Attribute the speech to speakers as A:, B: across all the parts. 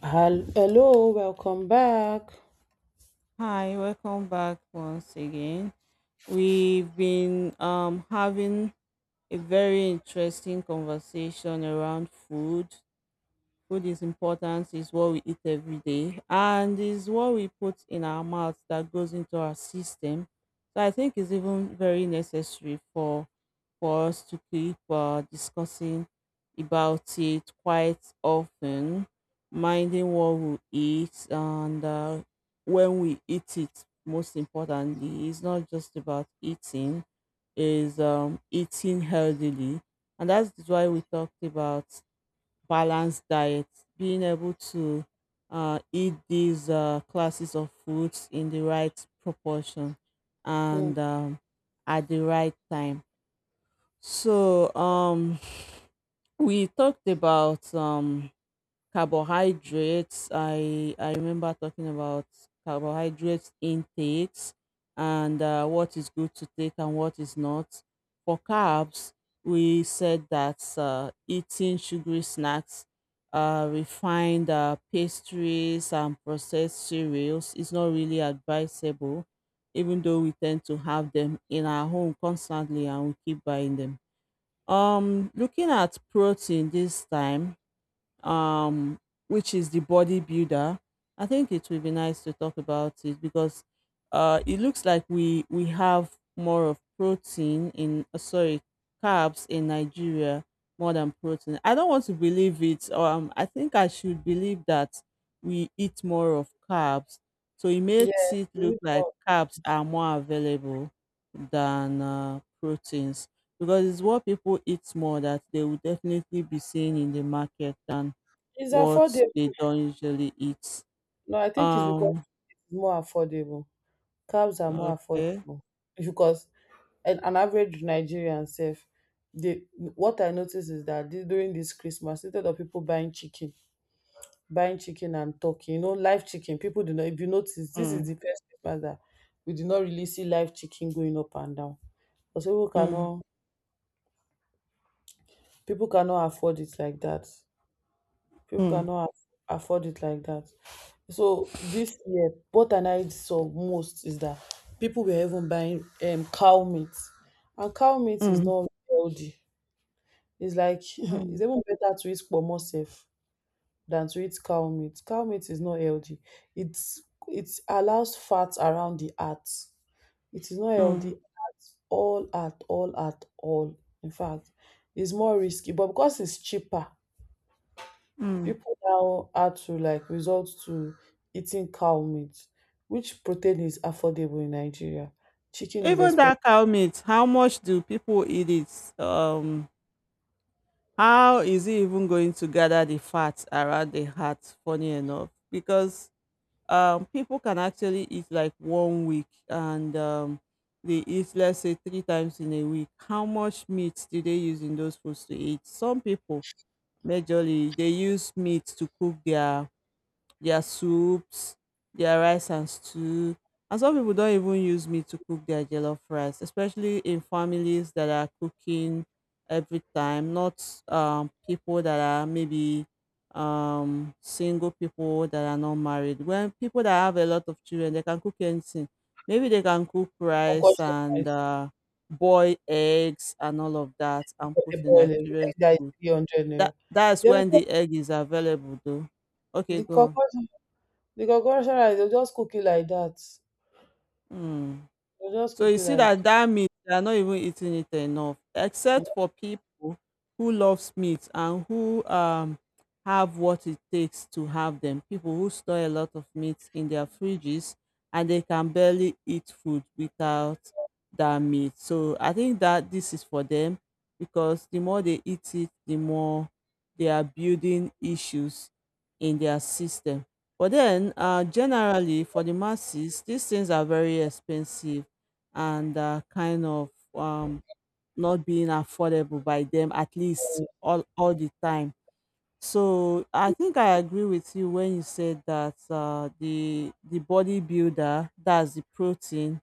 A: Hello, welcome back.
B: Hi, welcome back once again. We've been having a very interesting conversation around food. Food is important, is what we eat every day, and is what we put in our mouth that goes into our system. So I think it's even very necessary for us to keep discussing about it quite often, minding what we eat and when we eat it. Most importantly, it's not just about eating; is eating healthily, and that's why we talked about balanced diet, being able to eat these classes of foods in the right proportion
A: Mm.
B: and at the right time. So we talked about carbohydrates, I remember talking about carbohydrates intakes and what is good to take and what is not. For carbs, we said that eating sugary snacks, refined pastries, and processed cereals is not really advisable, even though we tend to have them in our home constantly and we keep buying them. Looking at protein this time, um, which is the bodybuilder. I think it would be nice to talk about it because it looks like we have more of protein in, sorry, carbs in Nigeria more than protein. I don't want to believe it. I think I should believe that we eat more of carbs, so it makes
A: Yes,
B: it look like carbs are more available than, proteins, because it's what people eat more that they will definitely be seeing in the market than
A: it's
B: what
A: affordable.
B: they don't usually eat.
A: No, I think it's because
B: Um,
A: it's more affordable. Cabs are more
B: okay.
A: affordable because an average Nigerian self, they what I notice is that during this Christmas, instead of people buying chicken and turkey, live chicken, people do not. If you notice, this is the
B: Mm,
A: first Christmas that we did not really see live chicken going up and down because
B: mm,
A: people cannot afford it like that. people
B: mm,
A: cannot aff- afford it like that. So this year, what I saw most is that people were even buying cow meat, and cow meat is
B: mm,
A: not healthy. It's like it's
B: mm,
A: even better to eat pomo safe than to eat cow meat. Cow meat is not healthy. It's it allows fat around the heart. It is not healthy
B: mm,
A: at all, at all, at all. In fact, it's more risky, but because it's cheaper,
B: mm.
A: people now had to like resort to eating cow meat, which protein is affordable in Nigeria. Chicken is
B: Even
A: expensive.
B: that cow meat, how much do people eat it? How is it even going to gather the fat around the heart? Funny enough, because people can actually eat like one week and they eat, let's say, three times in a week. How much meat do they use in those foods to eat? Some people, majorly, they use meat to cook their soups, their rice and stew. And some people don't even use meat to cook their jollof rice, especially in families that are cooking every time, not people that are maybe single people that are not married. When people that have a lot of children, they can cook anything. Maybe they can cook rice
A: Concussion
B: and
A: is
B: boil eggs and all of that and put
A: they
B: in their
A: boil it. Egg
B: children's
A: that is
B: food.
A: 300
B: that
A: naira.
B: that's
A: They
B: when
A: will,
B: the egg is available though. Okay,
A: the
B: go on.
A: concussion, the concussion rice, they'll just cook it like that.
B: Hmm.
A: They'll just
B: So
A: cook
B: you
A: it
B: see
A: like that.
B: that that meat, they are not even eating it enough, except for people who loves meat and who have what it takes to have them. People who store a lot of meat in their fridges and they can barely eat food without that meat. So I think that this is for them because the more they eat it, the more they are building issues in their system. But then, generally for the masses, these things are very expensive and kind of not being affordable by them, at least all the time. So I think I agree with you when you said that, the bodybuilder, that's the protein,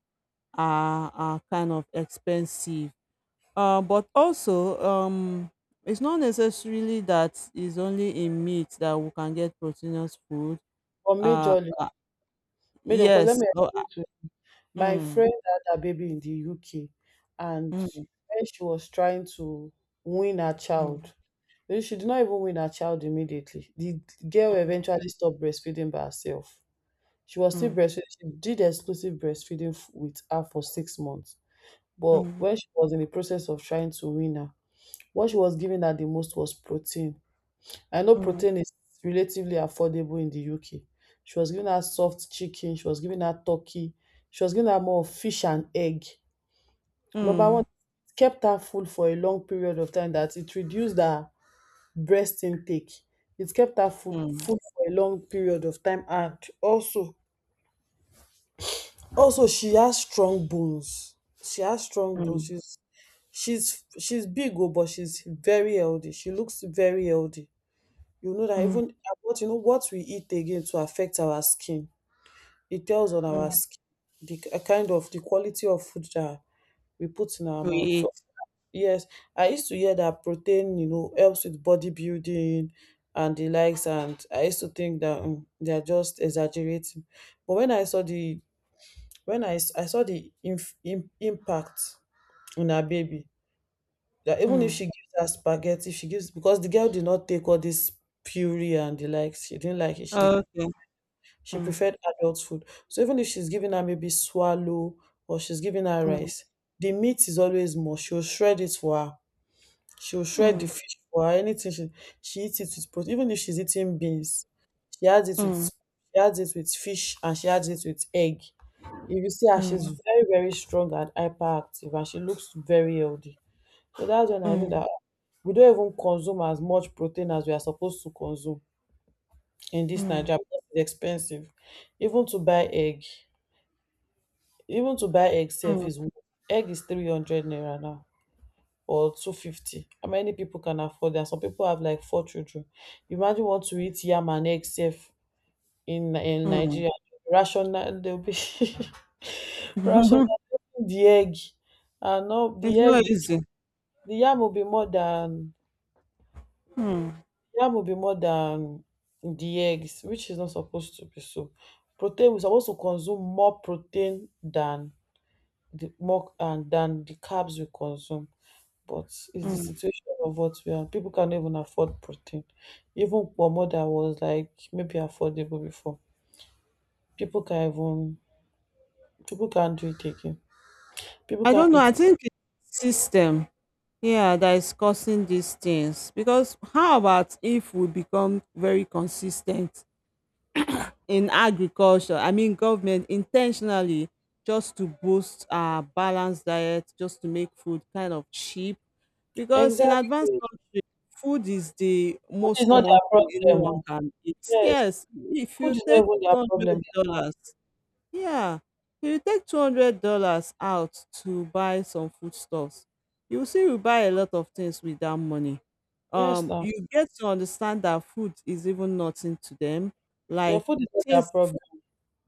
B: are kind of expensive. But also, it's not necessarily that it's only in meat that we can get proteinous food.
A: Or
B: Uh,
A: majorly,
B: uh,
A: major, because let
B: yes.
A: me
B: Oh.
A: explain to you. My
B: Mm,
A: friend had a baby in the UK, and
B: mm,
A: when she was trying to win her
B: mm,
A: child, then she did not even win her child immediately. The girl
B: mm,
A: eventually stopped breastfeeding by herself. She was still
B: mm,
A: breastfeeding. She did exclusive breastfeeding with her for 6 months. But
B: mm,
A: when she was in the process of trying to win her, what she was giving her the most was protein. I know
B: mm.
A: protein is relatively affordable in the UK. She was giving her soft chicken. She was giving her turkey. She was giving her more of fish and egg. Number one,
B: Mm,
A: it kept her full for a long period of time that it reduced her breast intake. It kept her food
B: mm,
A: food for a long period of time, and also she has strong bones. She has strong bones.
B: mm,
A: She's big oh, but she's very healthy. She looks very healthy. You know that
B: mm,
A: even what what we eat again to affect our skin. It tells on our
B: mm.
A: skin the kind of the quality of food that we put in our
B: We
A: mouth.
B: eat.
A: So yes, I used to hear that protein, helps with bodybuilding and the likes, and I used to think that they are just exaggerating. But when I saw the impact on her baby, that even if
B: Mm.
A: she gives her spaghetti, she gives because the girl did not take all this puree and the likes. She didn't like it. She
B: Okay.
A: she
B: Mm,
A: preferred adult food. So even if she's giving her maybe swallow or she's giving her
B: mm,
A: rice, the meat is always more. She'll shred it for her. She'll shred the
B: mm,
A: fish for her, anything she eats it with protein. Even if she's eating beans,
B: mm,
A: she adds it with fish, and she adds it with egg. If you see her, she's
B: mm,
A: very, very strong and hyperactive, and she looks very healthy. So that's when I knew that
B: mm,
A: we don't even consume as much protein as we are supposed to consume in this
B: mm,
A: Nigeria because it's expensive. Even to buy egg, even to buy egg safe
B: mm,
A: is egg is 300 naira now, or 250. How many people can afford that? Some people have like four children. Imagine you want to eat yam and egg safe in
B: mm.
A: Nigeria. Rational they'll be. Rational, the egg. And no, the
B: It's
A: egg,
B: not easy.
A: the yam will be more than
B: Mm,
A: yam will be more than the eggs, which is not supposed to be so. Protein, we're supposed to consume more protein than the more and than the carbs we consume. But it's the
B: mm.
A: situation of what we are. People can't even afford protein. Even pomo that was like maybe affordable before. People can't even people can't do it again. People
B: I don't
A: can't
B: know.
A: eat.
B: I think it's system, yeah, that is causing these things. Because how about if we become very consistent in agriculture? I mean, government intentionally, just to boost our balanced diet, just to make food kind of cheap. Because in
A: Exactly.
B: advanced countries, food is the
A: Food is
B: most
A: not
B: common
A: their
B: thing
A: problem,
B: anyone
A: oh.
B: can eat.
A: Yes.
B: Yes, if you
A: Food is not
B: take
A: even their problem.
B: $200, yeah, if you take $200 out to buy some foodstuffs, you will see you buy a lot of things with that money.
A: Yes now.
B: You get to understand that food is even nothing to them.
A: Yeah,
B: Like
A: food is not their
B: things,
A: problem.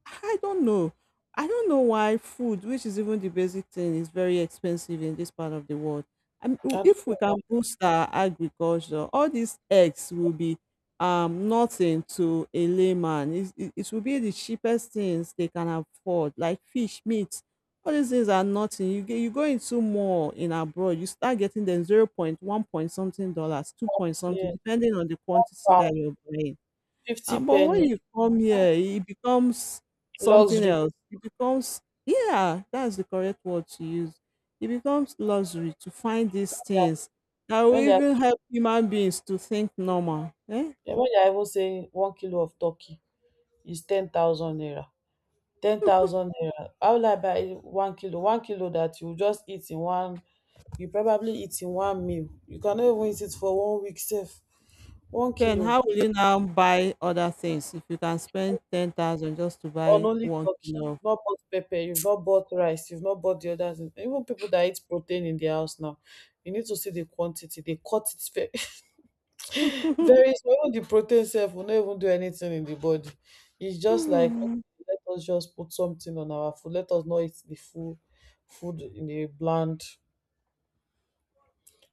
B: I don't know. I don't know why food, which is even the basic thing, is very expensive in this part of the world. I mean,
A: I don't
B: if we can
A: know.
B: boost our agriculture, all these eggs will be nothing to a layman. It will be the cheapest things they can afford, like fish, meat. All these things are nothing. You get, you go into more in abroad, you start getting them 0.1 point something dollars, two point something,
A: Yeah.
B: depending on the quantity that
A: Pound,
B: you're buying.
A: 50
B: Ah, but when
A: penny,
B: you come here, it becomes something
A: luxury.
B: else. It becomes, yeah, that's the correct word to use. It becomes luxury to find these
A: Yeah.
B: things that will
A: When they are
B: even help human beings to think normal. Eh?
A: yeah, when they are even saying 1 kilo of turkey is 10,000 naira. 10,000 naira, how will I buy One kilo that you just eat in one, you probably eat in one meal. You cannot even eat it for one week sef. one
B: Then
A: kilo
B: how will you now buy other things if you can spend 10,000 just to
A: on
B: buy
A: only
B: one
A: turkey you
B: kilo?
A: have not bought pepper, you have not bought rice, you have not bought the other thing. Even people that eat protein in their house now, you need to see the quantity they cut it very very small. Even the protein sef will not even do anything in the body. It's just like,
B: Hmm.
A: okay, let us just put something on our food, let us not eat the full food in a bland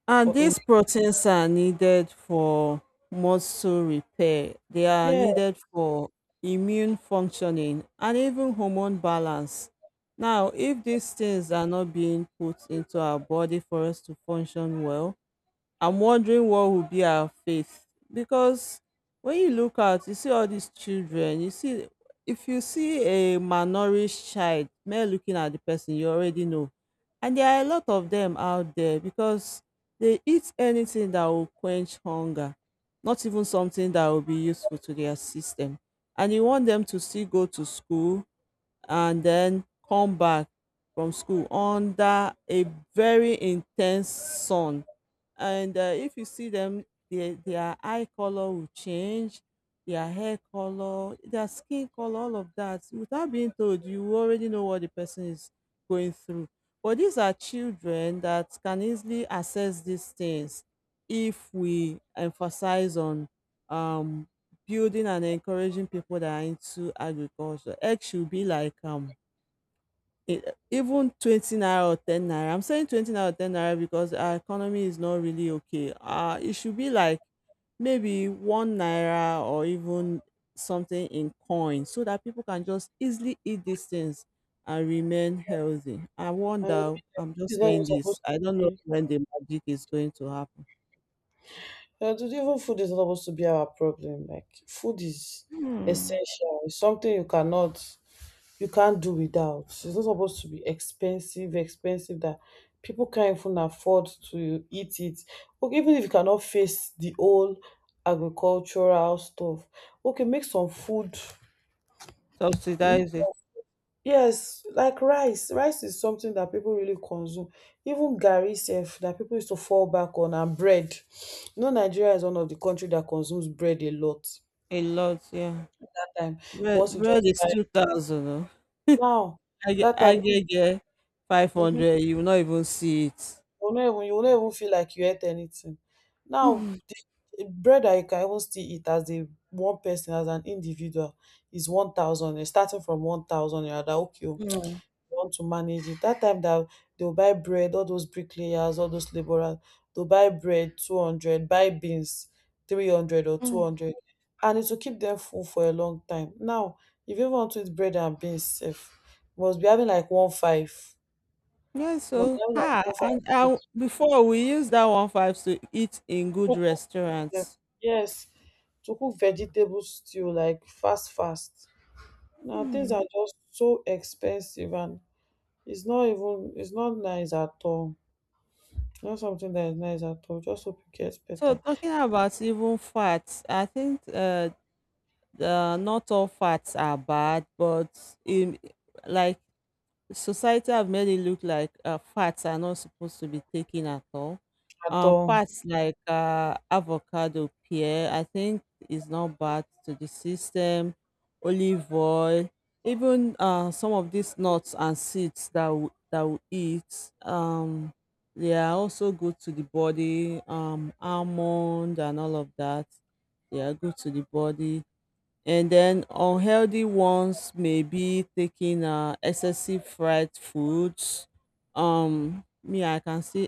B: And
A: or in,
B: these proteins are needed for muscle repair. They are
A: yeah.
B: needed for immune functioning and even hormone balance. Now, if these things are not being put into our body for us to function well, I'm wondering what will be our faith, because when you look out, you see all these children. You see, if you see a malnourished child, mere looking at the person, you already know. And there are a lot of them out there because they eat anything that will quench hunger, not even something that will be useful to their system. And you want them to still go to school, and then come back from school under a very intense sun. And if you see them, their eye color will change, their hair color, their skin color, all of that. Without being told, you already know what the person is going through. But these are children that can easily assess these things if we emphasize on um, building and encouraging people that are into agriculture. Egg should be like, e- even 20 naira or 10 naira. I'm saying 20 naira or 10 naira because our economy is not really okay. It should be like maybe 1 naira or even something in coin so that people can just easily eat these things and remain healthy. I
A: And food
B: wonder, I'm just
A: is not even
B: saying this.
A: supposed
B: I don't
A: to
B: know
A: be,
B: when the magic is going to happen.
A: even food is not supposed to be our problem. Like food is
B: Hmm.
A: essential. It's something you can't do without. It's not supposed to be expensive, expensive that people can't even afford to eat it. Okay, even if you cannot face the whole agricultural stuff, okay, make some food.
B: Subsidize it
A: Yes, like rice. Rice is something that people really consume. Even garri sef that people used to fall back on, and bread. You know, Nigeria is one of the country that consumes bread a lot.
B: a lot, yeah.
A: That time,
B: Bread,
A: once you
B: bread
A: just
B: is
A: buy it.
B: 2000. Oh.
A: Now,
B: I get,
A: that
B: I
A: time,
B: get, get
A: mm-hmm,
B: 500. You will not even see it.
A: you will not even feel like you ate anything. Now, the bread that you can even still eat as a one person as an individual is 1,000. Starting from 1,000, you're that okay, oh,
B: Mm.
A: want to manage it. That time dat they will all those bricklayers, all those labourers, they will buy bread 200, buy beans 300 or two
B: Mm.
A: hundred and it will keep them full for a long time. Now if you want to eat bread and beans sef, must be having like one five,
B: Yeah,
A: must be
B: so
A: having like
B: ha,
A: one five.
B: and
A: To
B: I, before, we use that one five to eat in good
A: cook them,
B: restaurants.
A: yes, to cook vegetable stew like fast fast. Now things
B: Mm.
A: are just so expensive, and it's not nice at all. Not something that is nice at all. Just hope it gets
B: So
A: better.
B: talking about even fats, I think, not all fats are bad, but in, like, society have made it look like, fats are not supposed to be taken at all.
A: At all.
B: Fats like avocado, pear, I think, is not bad to the system. Olive oil, even some of these nuts and seeds that that we eat, they are also good to the body. Almond and all of that, they are good to the body, and then unhealthy ones may be taking excessive fried foods. Me, I can still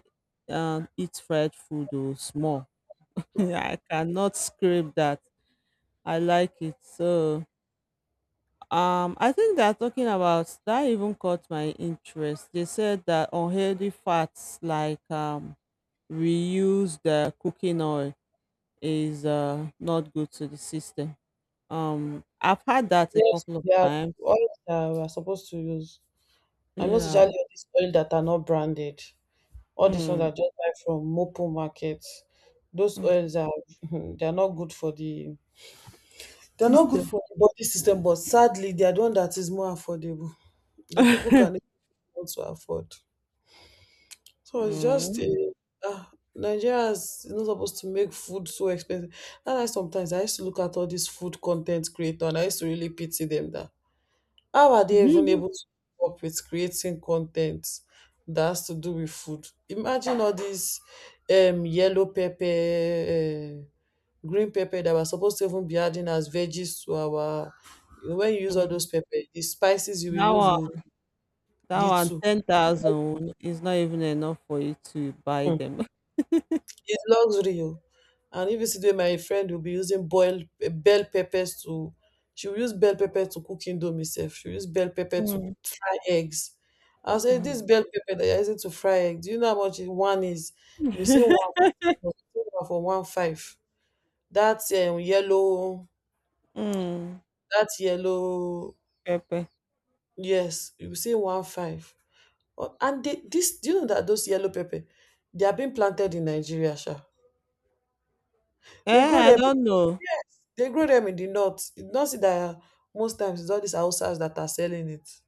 B: eat fried food though, small. I cannot scrape that. I like it. So I think they're talking about, that even caught my interest. They said that unhealthy fats like reused cooking oil is not good to the system. I've had that a
A: Yes,
B: couple of
A: there are
B: times.
A: oils that we are supposed to use. I most
B: Yeah.
A: especially all these oils that are not branded. All these ones
B: Mm,
A: are just buy from Mopo markets. Those
B: mm.
A: oils are they are not good for the they're not
B: Sister.
A: good for the body system, but sadly they are the one that is more affordable that people can afford to afford. So it's just
B: Mm.
A: Nigeria is not supposed to make food so expensive. And I sometimes I used to look at all these food content creators and I used to really pity them, that how are they even able to keep up with creating content that has to do with food? Imagine all these yellow pepper, uh, green pepper that we're supposed to even be adding as veggies to our. You know, when you use all
B: Mm.
A: those pepper, the spices you will
B: That
A: use
B: one,
A: will
B: that
A: lead
B: one,
A: to.
B: 10,000 is not even enough for you to buy them.
A: It's luxury, oh. And if you see the way my friend will be using boiled bell peppers to she will use bell pepper to cook indomie sef. She will use bell pepper to
B: Mm,
A: fry eggs. I say this
B: mm.
A: bell pepper that you're using to fry eggs, do you know how much one is? We see one for one five. That um, yellow,
B: Mm,
A: that yellow,
B: pepper.
A: yes, you see one five. Oh, and do you know that those yellow pepper, they are being planted in Nigeria, sha. They
B: Eh,
A: grow
B: I
A: them
B: don't know.
A: They grow them in the north. You don't see that most times it's all these houses that are selling it.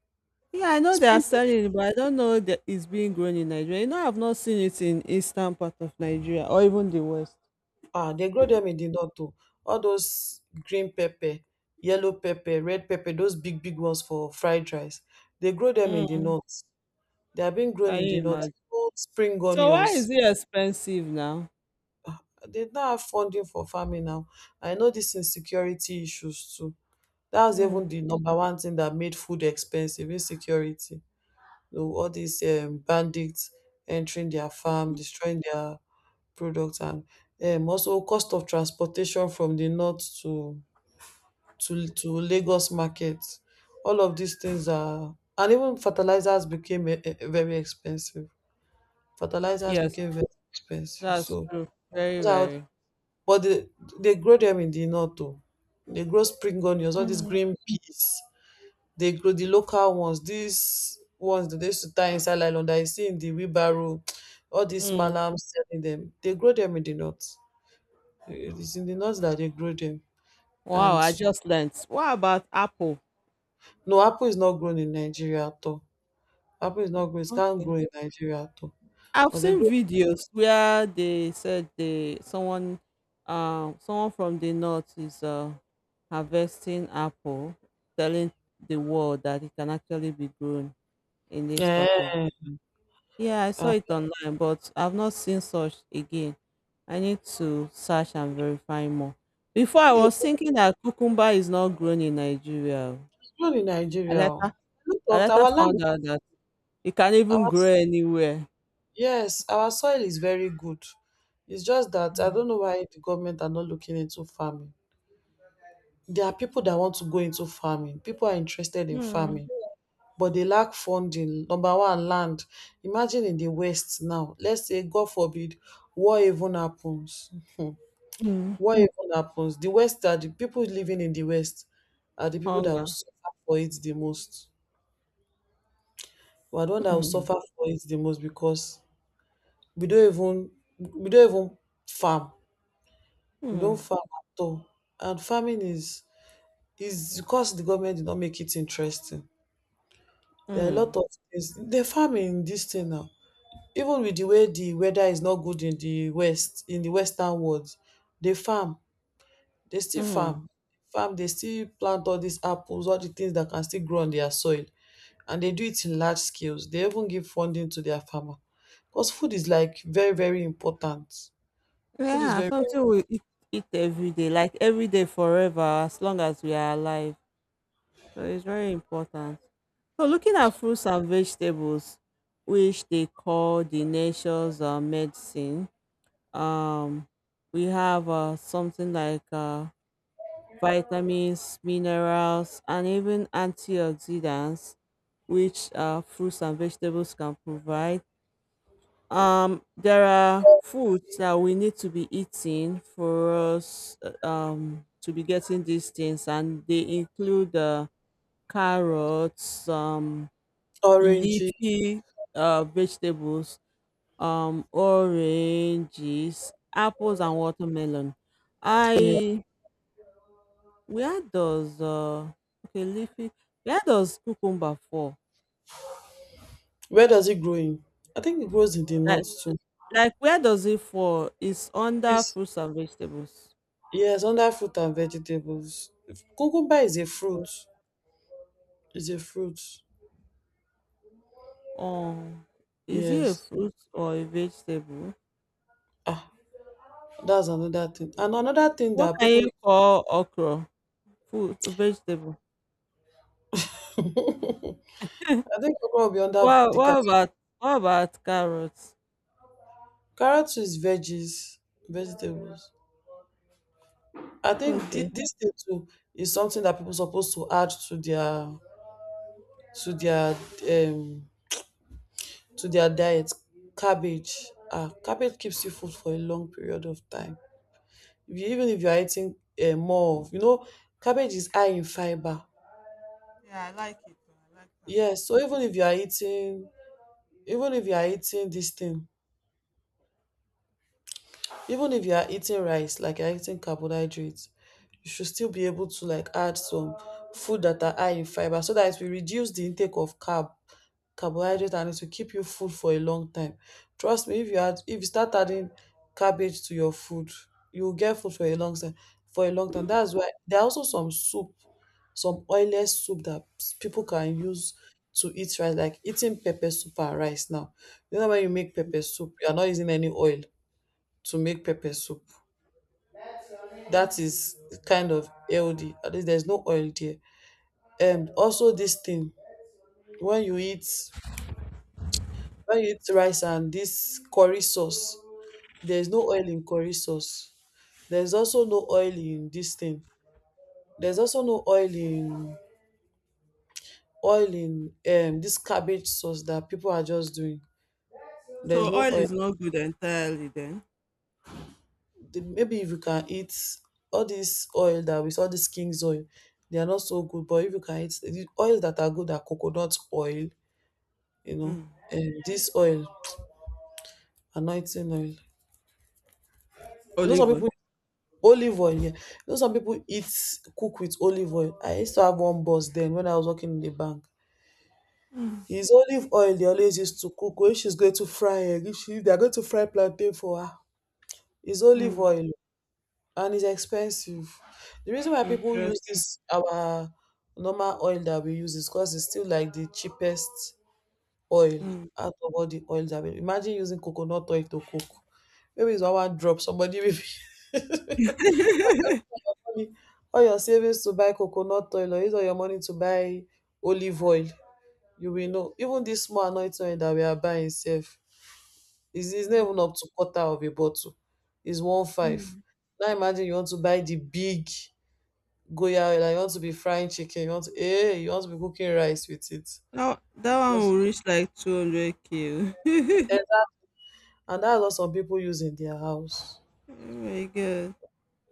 B: Yeah, I know they are
A: Spring,
B: selling it, but I don't know that it's being grown in Nigeria. You know, I've not seen it in eastern part of Nigeria or even the west.
A: ah, they grow them in the north too. All those green pepper, yellow pepper, red pepper, those big, big ones for fried rice. They grow them in the
B: Mm,
A: north. They are being grown
B: can
A: in the
B: you
A: north.
B: imagine?
A: Old spring
B: So why is
A: onions.
B: it expensive now?
A: They don't have funding for farming now. I know this insecurity issues too. That's even
B: Mm.
A: the number one thing that made food expensive, insecurity. So all these bandits entering their farm, destroying their products, and also cost of transportation from the north to Lagos market. All of these things are, and even fertilizers became very expensive. Fertilizers
B: Yes,
A: became very expensive.
B: that's
A: So,
B: true. Very,
A: those are
B: very.
A: but they grow them in the north too. They grow spring onions, all these
B: Mm.
A: green peas. They grow the local ones, these ones that they used to tie inside nylon that you see in the wheelbarrow, all these
B: Mm.
A: malams selling them. They grow them in the north. It is in the north that they grow them.
B: Wow,
A: And
B: I just learned. What about apple?
A: no, apple is not grown in Nigeria at all. Apple is not grown, it can't grow
B: Okay.
A: in Nigeria at all.
B: I've
A: But they
B: seen
A: grow
B: videos where they said they, someone, someone from the north is harvesting apple, telling the world that it can actually be grown in this part of the
A: yeah.
B: country. Yeah, I saw
A: Uh,
B: it online, but I've not seen such again. I need to search and verify more. Before, I
A: yeah.
B: was thinking that cucumber is not grown in Nigeria.
A: It's grown in
B: I
A: Nigeria.
B: later
A: Oh. Look
B: I
A: of
B: later
A: our land
B: found out that you can't even
A: our
B: grow anywhere.
A: yes, our soil is very good. It's just that I
B: Mm.
A: don't know why the government are not looking into farming. There are people that want to go into farming. People are interested in
B: Mm.
A: farming, but they lack funding. Number one, land. Imagine in the West now. Let's say, God forbid, war even happens. Mhm.
B: Mm.
A: War even happens. The West are the people living in the West are the people that will
B: Hunger.
A: suffer for it the most. We are the one that will
B: Mm.
A: suffer for it the most because we don't even we don't even farm. We
B: Mm.
A: don't farm at all. And farming is because the government did not make it interesting. There are a
B: Mm.
A: lot of things. They farm in this thing now. Even with the way the weather is not good in the west, in the western world, they farm. They still
B: Mm.
A: farm. Farm. They still plant all these apples, all the things that can still grow on their soil, and they do it in large scales. They even give funding to their farmer, because food is like very very important. Food is
B: Yeah,
A: very,
B: something we eat, eat every day, like every day forever, as long as we are alive. So it's very important. So looking at fruits and vegetables, which they call the nature's medicine, um, we have something like vitamins, minerals, and even antioxidants, which fruits and vegetables can provide. There are foods that we need to be eating for us to be getting these things, and they include carrots,
A: very orangey.
B: leafy vegetables, oranges, apples, and watermelon.
A: Yeah.
B: I Where does uh okay leafy where does cucumber fall?
A: Where does it grow in? I think it grows in the
B: Like
A: north too.
B: like where does it fall? It's under
A: Yes,
B: fruits and vegetables.
A: yes, under fruit and vegetables. Cucumber is a fruit. It's a fruit.
B: Oh, is it a
A: Yes.
B: fruit or a vegetable?
A: Ah, that's another thing. And another thing
B: What
A: that
B: can
A: people
B: you
A: need,
B: call okra? Food vegetable.
A: I think okra will be under
B: What
A: the
B: what
A: cat.
B: about what about carrots?
A: Carrot is veggies, vegetables. I think thi-
B: Okay.
A: this thing too is something that people supposed to add to their to their um to their diet. Cabbage. Ah, cabbage keeps you full for a long period of time. If you, even if you are eating more of, you know, cabbage is high in fiber.
B: Yeah, I like it. Though, I like
A: Yes,
B: carrots.
A: so even if you are eating, even if you are eating this thing even if you are eating rice like you're eating carbohydrates you should still be able to like add some food that are high in fiber so that it will reduce the intake of carbohydrate and it will keep you full for a long time. Trust me, if you add if you start adding cabbage to your food you will get food for a long time for a long time. That's why there are also some soup, some oilless soup that people can use to eat rice like eating pepper soup and rice now. You know when you make pepper soup you are not using any oil to make pepper soup. That is kind of healthy. At least there's no oil there. And also this thing, when you eat when you eat rice and this curry sauce, there's no oil in curry sauce. There's also no oil in this thing. There's also no oil in this cabbage sauce that people are just doing. There's
B: So
A: no
B: oil
A: oil.
B: is not good entirely then.
A: Maybe if you can eat all this oil that with all this king's oil, they are not so good. But if you can eat the oils that are good are coconut oil, you know,
B: Mm.
A: this oil, anointing oil. You know, some
B: Olive oil.
A: people olive oil. Yeah, you know, some people eat cook with olive oil. I used to have one boss then when I was working in the bank.
B: Mm.
A: His olive oil they always used to cook when she's going to fry egg. If she, they're going to fry plantain for her. It's olive
B: Mm.
A: oil and it's expensive. The reason why people use
B: Interesting.
A: this our normal oil that we use is because it's still like the cheapest oil
B: Mm.
A: out of all the oils available. Imagine using coconut oil to cook. Maybe it's one drop. Somebody will be all your savings to buy coconut oil or use all your money to buy olive oil. You will know. Even this small anointing oil that we are buying itself is not even up to quarter of a bottle. It's one five. Now imagine you want to buy the big goya oil and you want to be frying chicken. You want to you want to be cooking rice with it.
B: Now that one
A: Just
B: will reach like 200K. Oh
A: and that's what some people use in their house.
B: my god.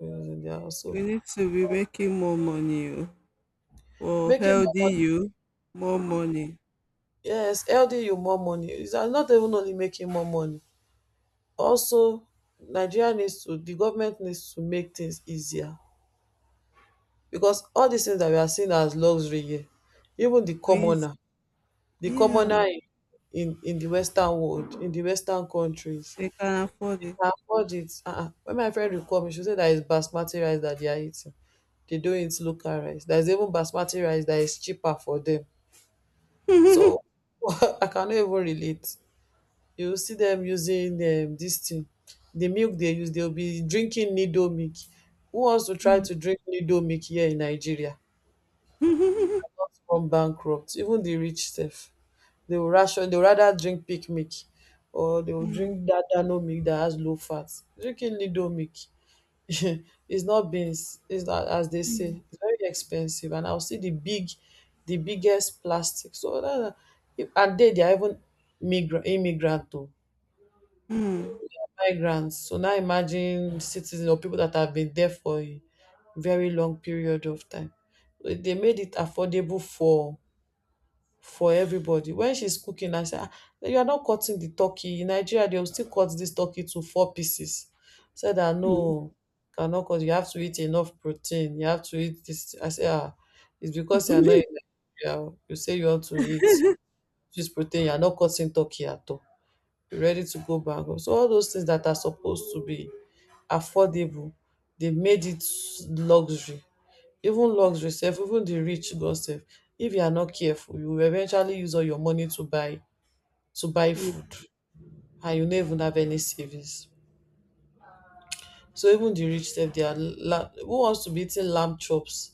A: Use in their house.
B: We
A: So
B: need to be making more money oh, for
A: making more
B: healthy
A: money
B: you. More money.
A: yes helding you more money. It's not even only making more money, also Nigeria needs to the government needs to make things easier because all these things that we are seeing as luxury here even the
B: Please.
A: commoner, the
B: Yeah,
A: commoner in in the western world, in the western countries
B: they can afford it.
A: can afford it. Uh-uh. When my friend will come she say that is basmati rice that they are eating. They don't eat local rice. There's even basmati rice that is cheaper for them. So I cannot even relate. You will see them using this thing, the milk they use, they'll be drinking needle milk. Who wants to try to drink needle milk here in Nigeria? From bankrupt, even the rich self. They will ration, they'll rather drink pig milk or they will
B: Mm,
A: drink that dano milk that has low fat. Drinking needle milk is not beans, it's not as they
B: mm,
A: say, it's very expensive. And I'll see the big, the biggest plastic. So that, and they are even migrant, immigrant too
B: mm,
A: migrants. So now imagine citizens or people that have been there for a very long period of time. They made it affordable for everybody. When she's cooking, I said, "Ah, you are not cutting the turkey. In Nigeria, they will still cut this turkey to four pieces." Said that
B: mm,
A: no, cannot cut. You have to eat enough protein. You have to eat this. I said, ah, it's because you are not in Nigeria. You say you want to eat this protein. You are not cutting turkey at all. You're ready to go back home. So all those things that are supposed to be affordable they made it luxury, even luxury sef, even the rich go sef. If you are not careful you will eventually use all your money to buy
B: mm,
A: food and you no even have any savings. So even the rich sef, they are la who wants to be eating lamb chops,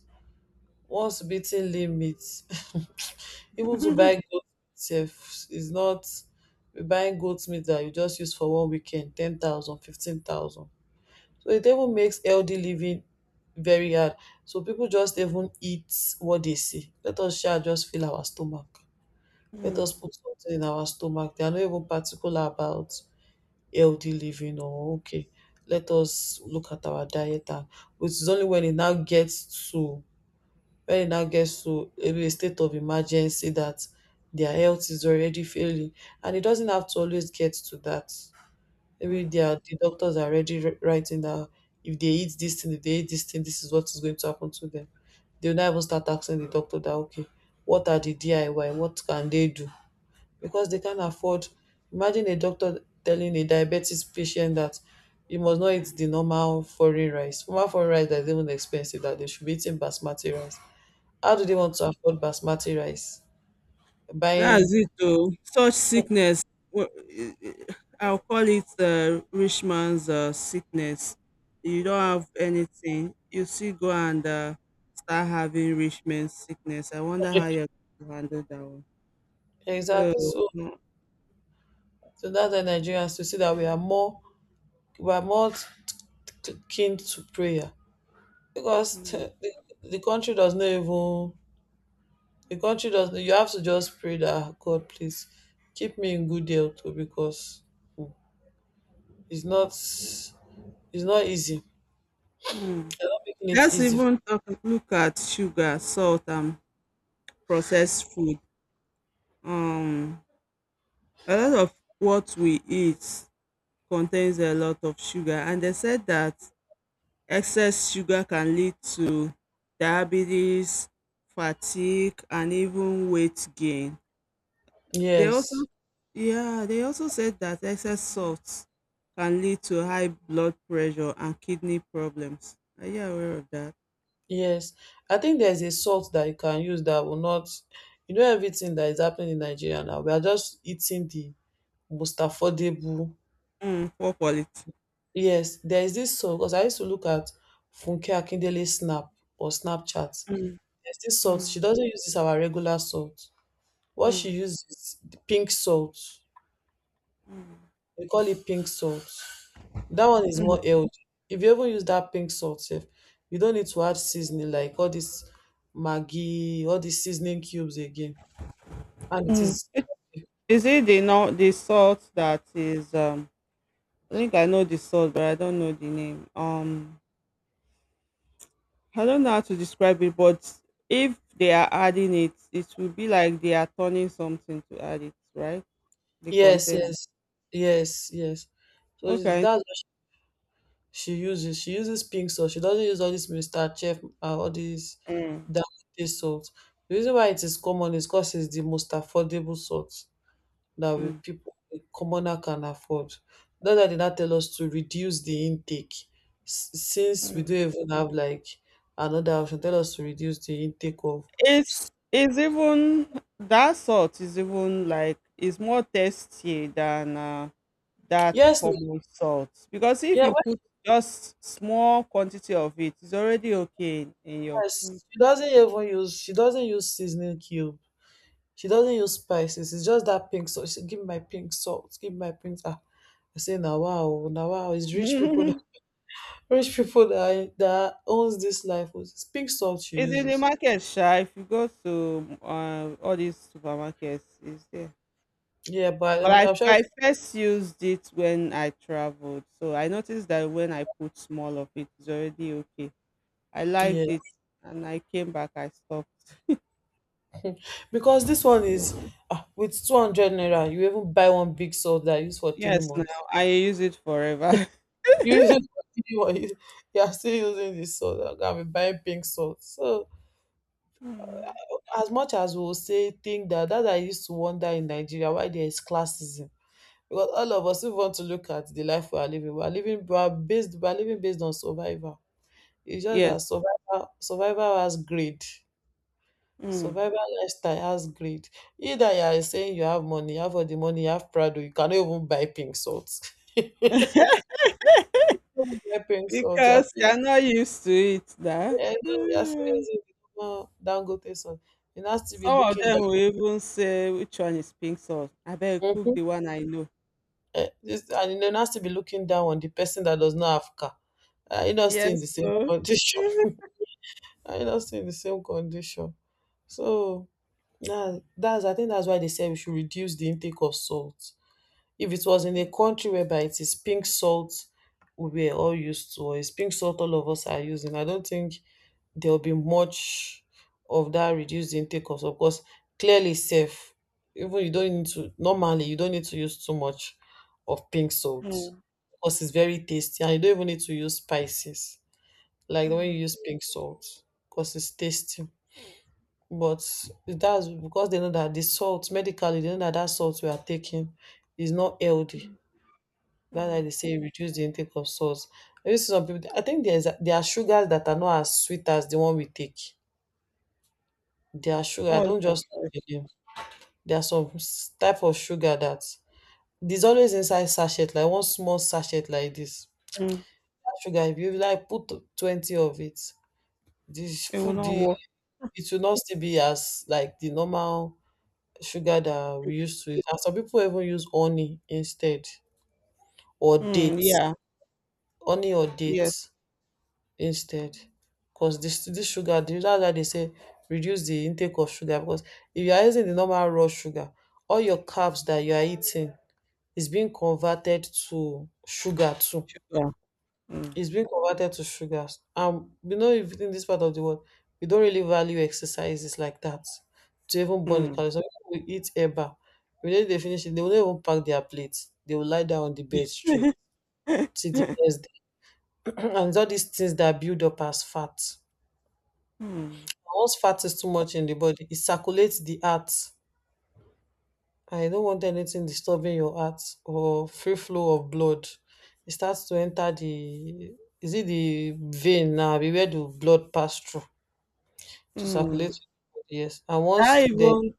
A: who wants to be eating lean meat. Even to buy goat sef is not buying goat meat that you just use for one weekend ten thousand fifteen thousand. So it even makes healthy living very hard. So people just even eat what they see. Let us shall just fill our stomach. Let us
B: mm,
A: put something in our stomach. They are not even particular about healthy living or okay. Let us look at our diet and which is only when it now gets to when it now gets to maybe a state of emergency that their health is already failing. And it doesn't have to always get to that. Maybe
B: mm.
A: they are, the doctors are already writing that if they eat this thing, if they eat this thing, this is what is going to happen to them. They'll not even start asking the doctor that, okay, what are the DIY? What can they do? Because they can't afford. Imagine a doctor telling a diabetes patient that you must not eat the normal foreign rice. Normal foreign rice that is even expensive, that they should be eating basmati rice. How do they
B: Mm.
A: want to afford basmati rice? Buying
B: That's it oh. Such sickness w- eh, eh, I'll call it rich man's sickness. You don't have anything. You still go and start having rich man's sickness. I wonder how you're going to handle that one.
A: exactly.
B: So,
A: So, so that's the Nigerians to see that we are more to keen to prayer because
B: mm,
A: the country does not even the country does not, you have to just pray that God please keep me in good health too because it's not it's not easy.
B: mm.
A: They're not making it
B: Let's
A: easy.
B: even talk, look at sugar, salt, and processed food. Um, a lot of what we eat contains a lot of sugar, and they said that excess sugar can lead to diabetes, fatigue and even weight gain. They also
A: Yes,
B: Yeah, they also said that excess salt can lead to high blood pressure and kidney problems. Are you aware of that?
A: yes. I think there's a salt that you can use that will not you know everything that is happening in Nigeria now. We are just eating the most affordable.
B: Mm, poor quality.
A: Yes, there is this salt because I used to look at Funke Akindele Snap or Snapchat.
B: Mm,
A: There's this salt.
B: mm,
A: She doesn't use this our regular salt. What
B: mm,
A: she uses is the pink salt. We call it pink salt. That one is more healthy. If you even use that pink salt, sef, you don't need to add seasoning like all this Maggi, all these seasoning cubes again. And it
B: mm.
A: is
B: Is it the, no, the salt that is I think I know the salt but I don't know the name. I don't know how to describe it, but if they are adding it, it will be like they are turning something to add it, right? The
A: yes,
B: container.
A: yes, yes, yes. So
B: Okay.
A: that's what she uses. She uses pink salt. She doesn't use all this Mr. Chef, all these
B: Mm.
A: that salt. The reason why it is common is because it's the most affordable salt. That we
B: Mm.
A: people the commoner can afford. That's why they now tell us to reduce the intake. Since we
B: Mm.
A: don't even have like another option, tell us to reduce the intake of
B: It's even That salt is even like it's more tasty than that
A: yes, no,
B: common salt because if
A: yeah,
B: you
A: well,
B: put just small quantity of it, it's already okay in your food.
A: yes. She doesn't even use she doesn't use seasoning cube. She doesn't use spices. It's just that pink salt. She said, give me my pink salt. Give me my pink. Ah, I say now wow, now wow. It's rich people that rich people that owns this life. It's pink salt she
B: It's in the
A: uses.
B: market, sha. If you go to all these supermarkets, it's there.
A: Yeah, but
B: But
A: I'm,
B: I,
A: I'm sure
B: I
A: it's
B: first used it when I traveled. So I noticed that when I put small of it, it's already okay. I liked
A: yeah.
B: it and I came back, I stopped.
A: Because this one is ah, with 200 naira, you even buy one big salt that I use for three
B: Yes, now
A: months.
B: I use it forever.
A: You use it for 3 months, you are still using this salt. I can be buying pink salt. So,
B: Mm.
A: as much as we will say, think that I used to wonder in Nigeria why there is classism. Because all of us, if we want to look at the life we are living, we are living, we are based, we are living based on survival. It's just
B: Yes.
A: that survival, survival has greed.
B: Mm.
A: Survival lifestyle has greed. Either you are saying you have money, you have all the money, you have Prado, you cannot even buy pink salt. You cannot buy pink salt. You are
B: Because you
A: still,
B: are not used to it now.
A: yeah, you are still
B: Mm.
A: using the normal Dangote salt. You now still be
B: Some of
A: looking
B: them
A: down.
B: will even say which one is pink sauce. I better cook
A: Mhm.
B: the one I know.
A: Eh, this, and you now still be looking down on the person that does not have car. Are you not still in
B: Yes,
A: the same
B: so
A: condition? Are you not still in the same condition? So, yeah, that's I think that's why they say we should reduce the intake of salt. If it was in a country whereby it is pink salt we were all used to, or it's pink salt all of us are using, I don't think there'll be much of that reduced intake of salt because clearly safe. Even you don't need to normally you don't need to use too much of pink salt
B: mm,
A: because it's very tasty and you don't even need to use spices like when you
B: mm,
A: use pink salt because it's tasty. But that's because they know that the salt medically they know that that salt we are taking is not healthy. That's why
B: mm.
A: they say reduce the intake of salt. Maybe some people, I think there are sugars that are not as sweet as the one we take. There are sugar. I
B: What's
A: don't
B: that
A: just
B: like?
A: like the name. There are some type of sugar that there's always inside sachet, like one small sachet like this.
B: Mm.
A: That sugar, if you like put 20 of it, this
B: It will
A: food
B: not
A: the
B: work.
A: it will not still be as like the normal sugar that we used to eat. And some people even use honey instead or
B: Mm,
A: dates,
B: yeah.
A: honey or
B: Yes,
A: dates instead. Because this sugar, the reason why they say reduce the intake of sugar because if you are using the normal raw sugar, all your carbs that you are eating is being converted to sugar too.
B: sugar. Mm,
A: It's being converted to sugars. You know, if in this part of the world, we don't really value exercises like that to even burn the
B: mm.
A: calories. Some people will eat eba. When they finish it, they will not even pack their plates. They will lie down on the bed straight till the next day. And it's all these things that build up as fat.
B: Mm,
A: Once fat is too much in the body, it circulates the heart. I don't want anything disturbing your heart or free flow of blood. It starts to enter the is it the vein now? Be where the blood pass through to circulate.
B: mm.
A: Yes, and once
B: That
A: the
B: even,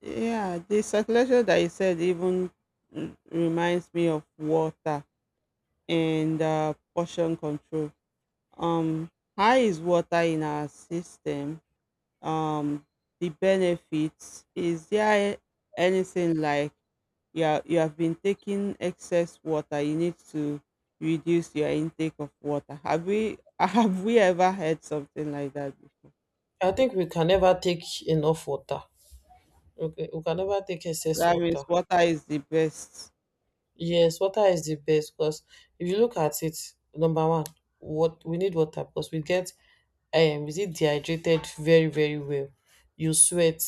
B: yeah, the circulation that you said even mm, reminds me of water and portion control. Um, how is water in our system? Um, the benefits, is there anything like you are, you have been taking excess water you need to reduce your intake of water have we have we ever heard something like that before?
A: I think we can never take enough water. Okay, we can never take excess
B: That means
A: water.
B: water is the best.
A: Yes, water is the best because if you look at it, number one, what we need water because we get is it dehydrated, very very well. You sweat,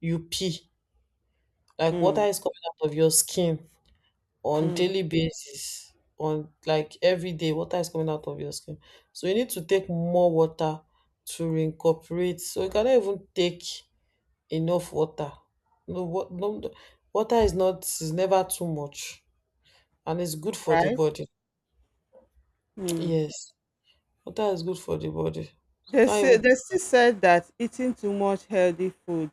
A: you pee, like water
B: Mm,
A: is coming out of your skin on daily
B: mm,
A: basis, on like every day water is coming out of your skin, so you need to take more water to reincorporate, so you cannot even take enough water. No, what? No- Water is not is never too much and it's good for the
B: right,
A: body.
B: mm.
A: Yes, water is good for the body so you
B: They
A: can't
B: say
A: even.
B: they still said that eating too much healthy food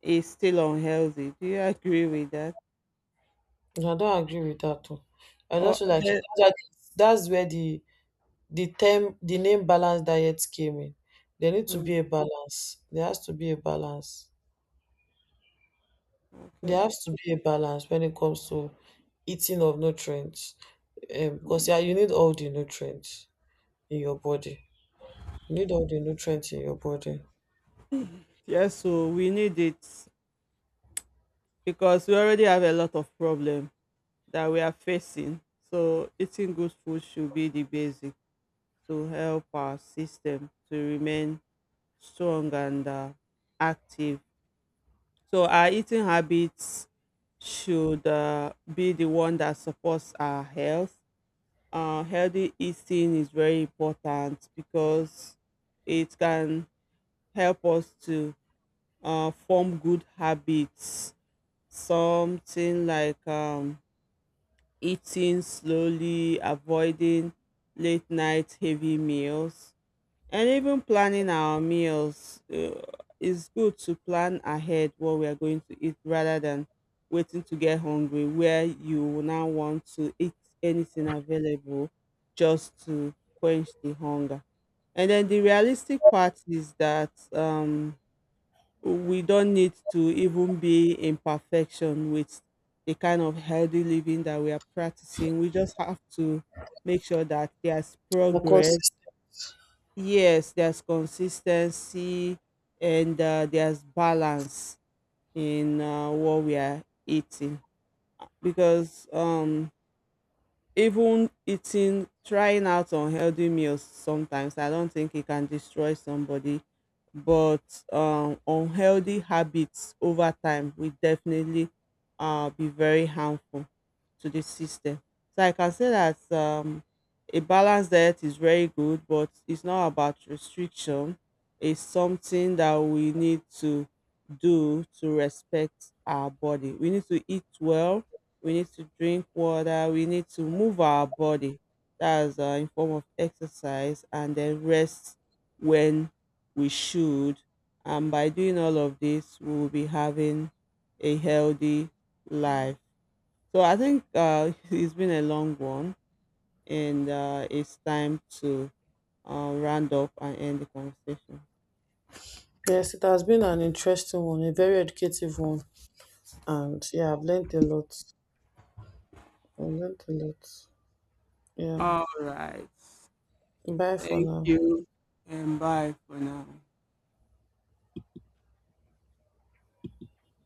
B: is still unhealthy, do you agree with that
A: Yeah, I don't agree with that too. I
B: or
A: just feel like that's
B: the,
A: where that's where the term the name balanced diet came in. There need to be
B: mm,
A: a balance. There has to be a balance.
B: okay.
A: There has to be a balance when it comes to eating of nutrients. Because yeah, you need all the nutrients in your body. You need all the nutrients in your body.
B: Yeah, so we need it because we already have a lot of problems that we are facing. So eating good food should be the basic to help our system to remain strong and active. So our eating habits should be the one that supports our health. Healthy eating is very important because it can help us to form good habits. Something like eating slowly, avoiding late night heavy meals, and even planning our meals. It's good to plan ahead what we are going to eat rather than waiting to get hungry, where you will now want to eat anything available just to quench the hunger. And then the realistic part is that we don't need to even be in perfection with the kind of healthy living that we are practicing. We just have to make sure that there's
A: You're
B: progress.
A: consistent.
B: Yes, there's consistency and there's balance in what we are eating because even eating trying out unhealthy meals sometimes, I don't think it can destroy somebody, but unhealthy habits over time will definitely be very harmful to the system. So I can say that, a balanced diet is very good, but it's not about restriction. It's something that we need to do to respect our body. We need to eat well, we need to drink water, we need to move our body. That's in form of exercise, and then rest when we should. And by doing all of this, we will be having a healthy life. So I think it's been a long one, and it's time to round up and end the conversation.
A: Yes, it has been an interesting one, a very educative one. And yeah, I've learned a lot. I've learned a lot. Yeah.
B: All right.
A: Bye for
B: Thank
A: now.
B: you. And bye for now.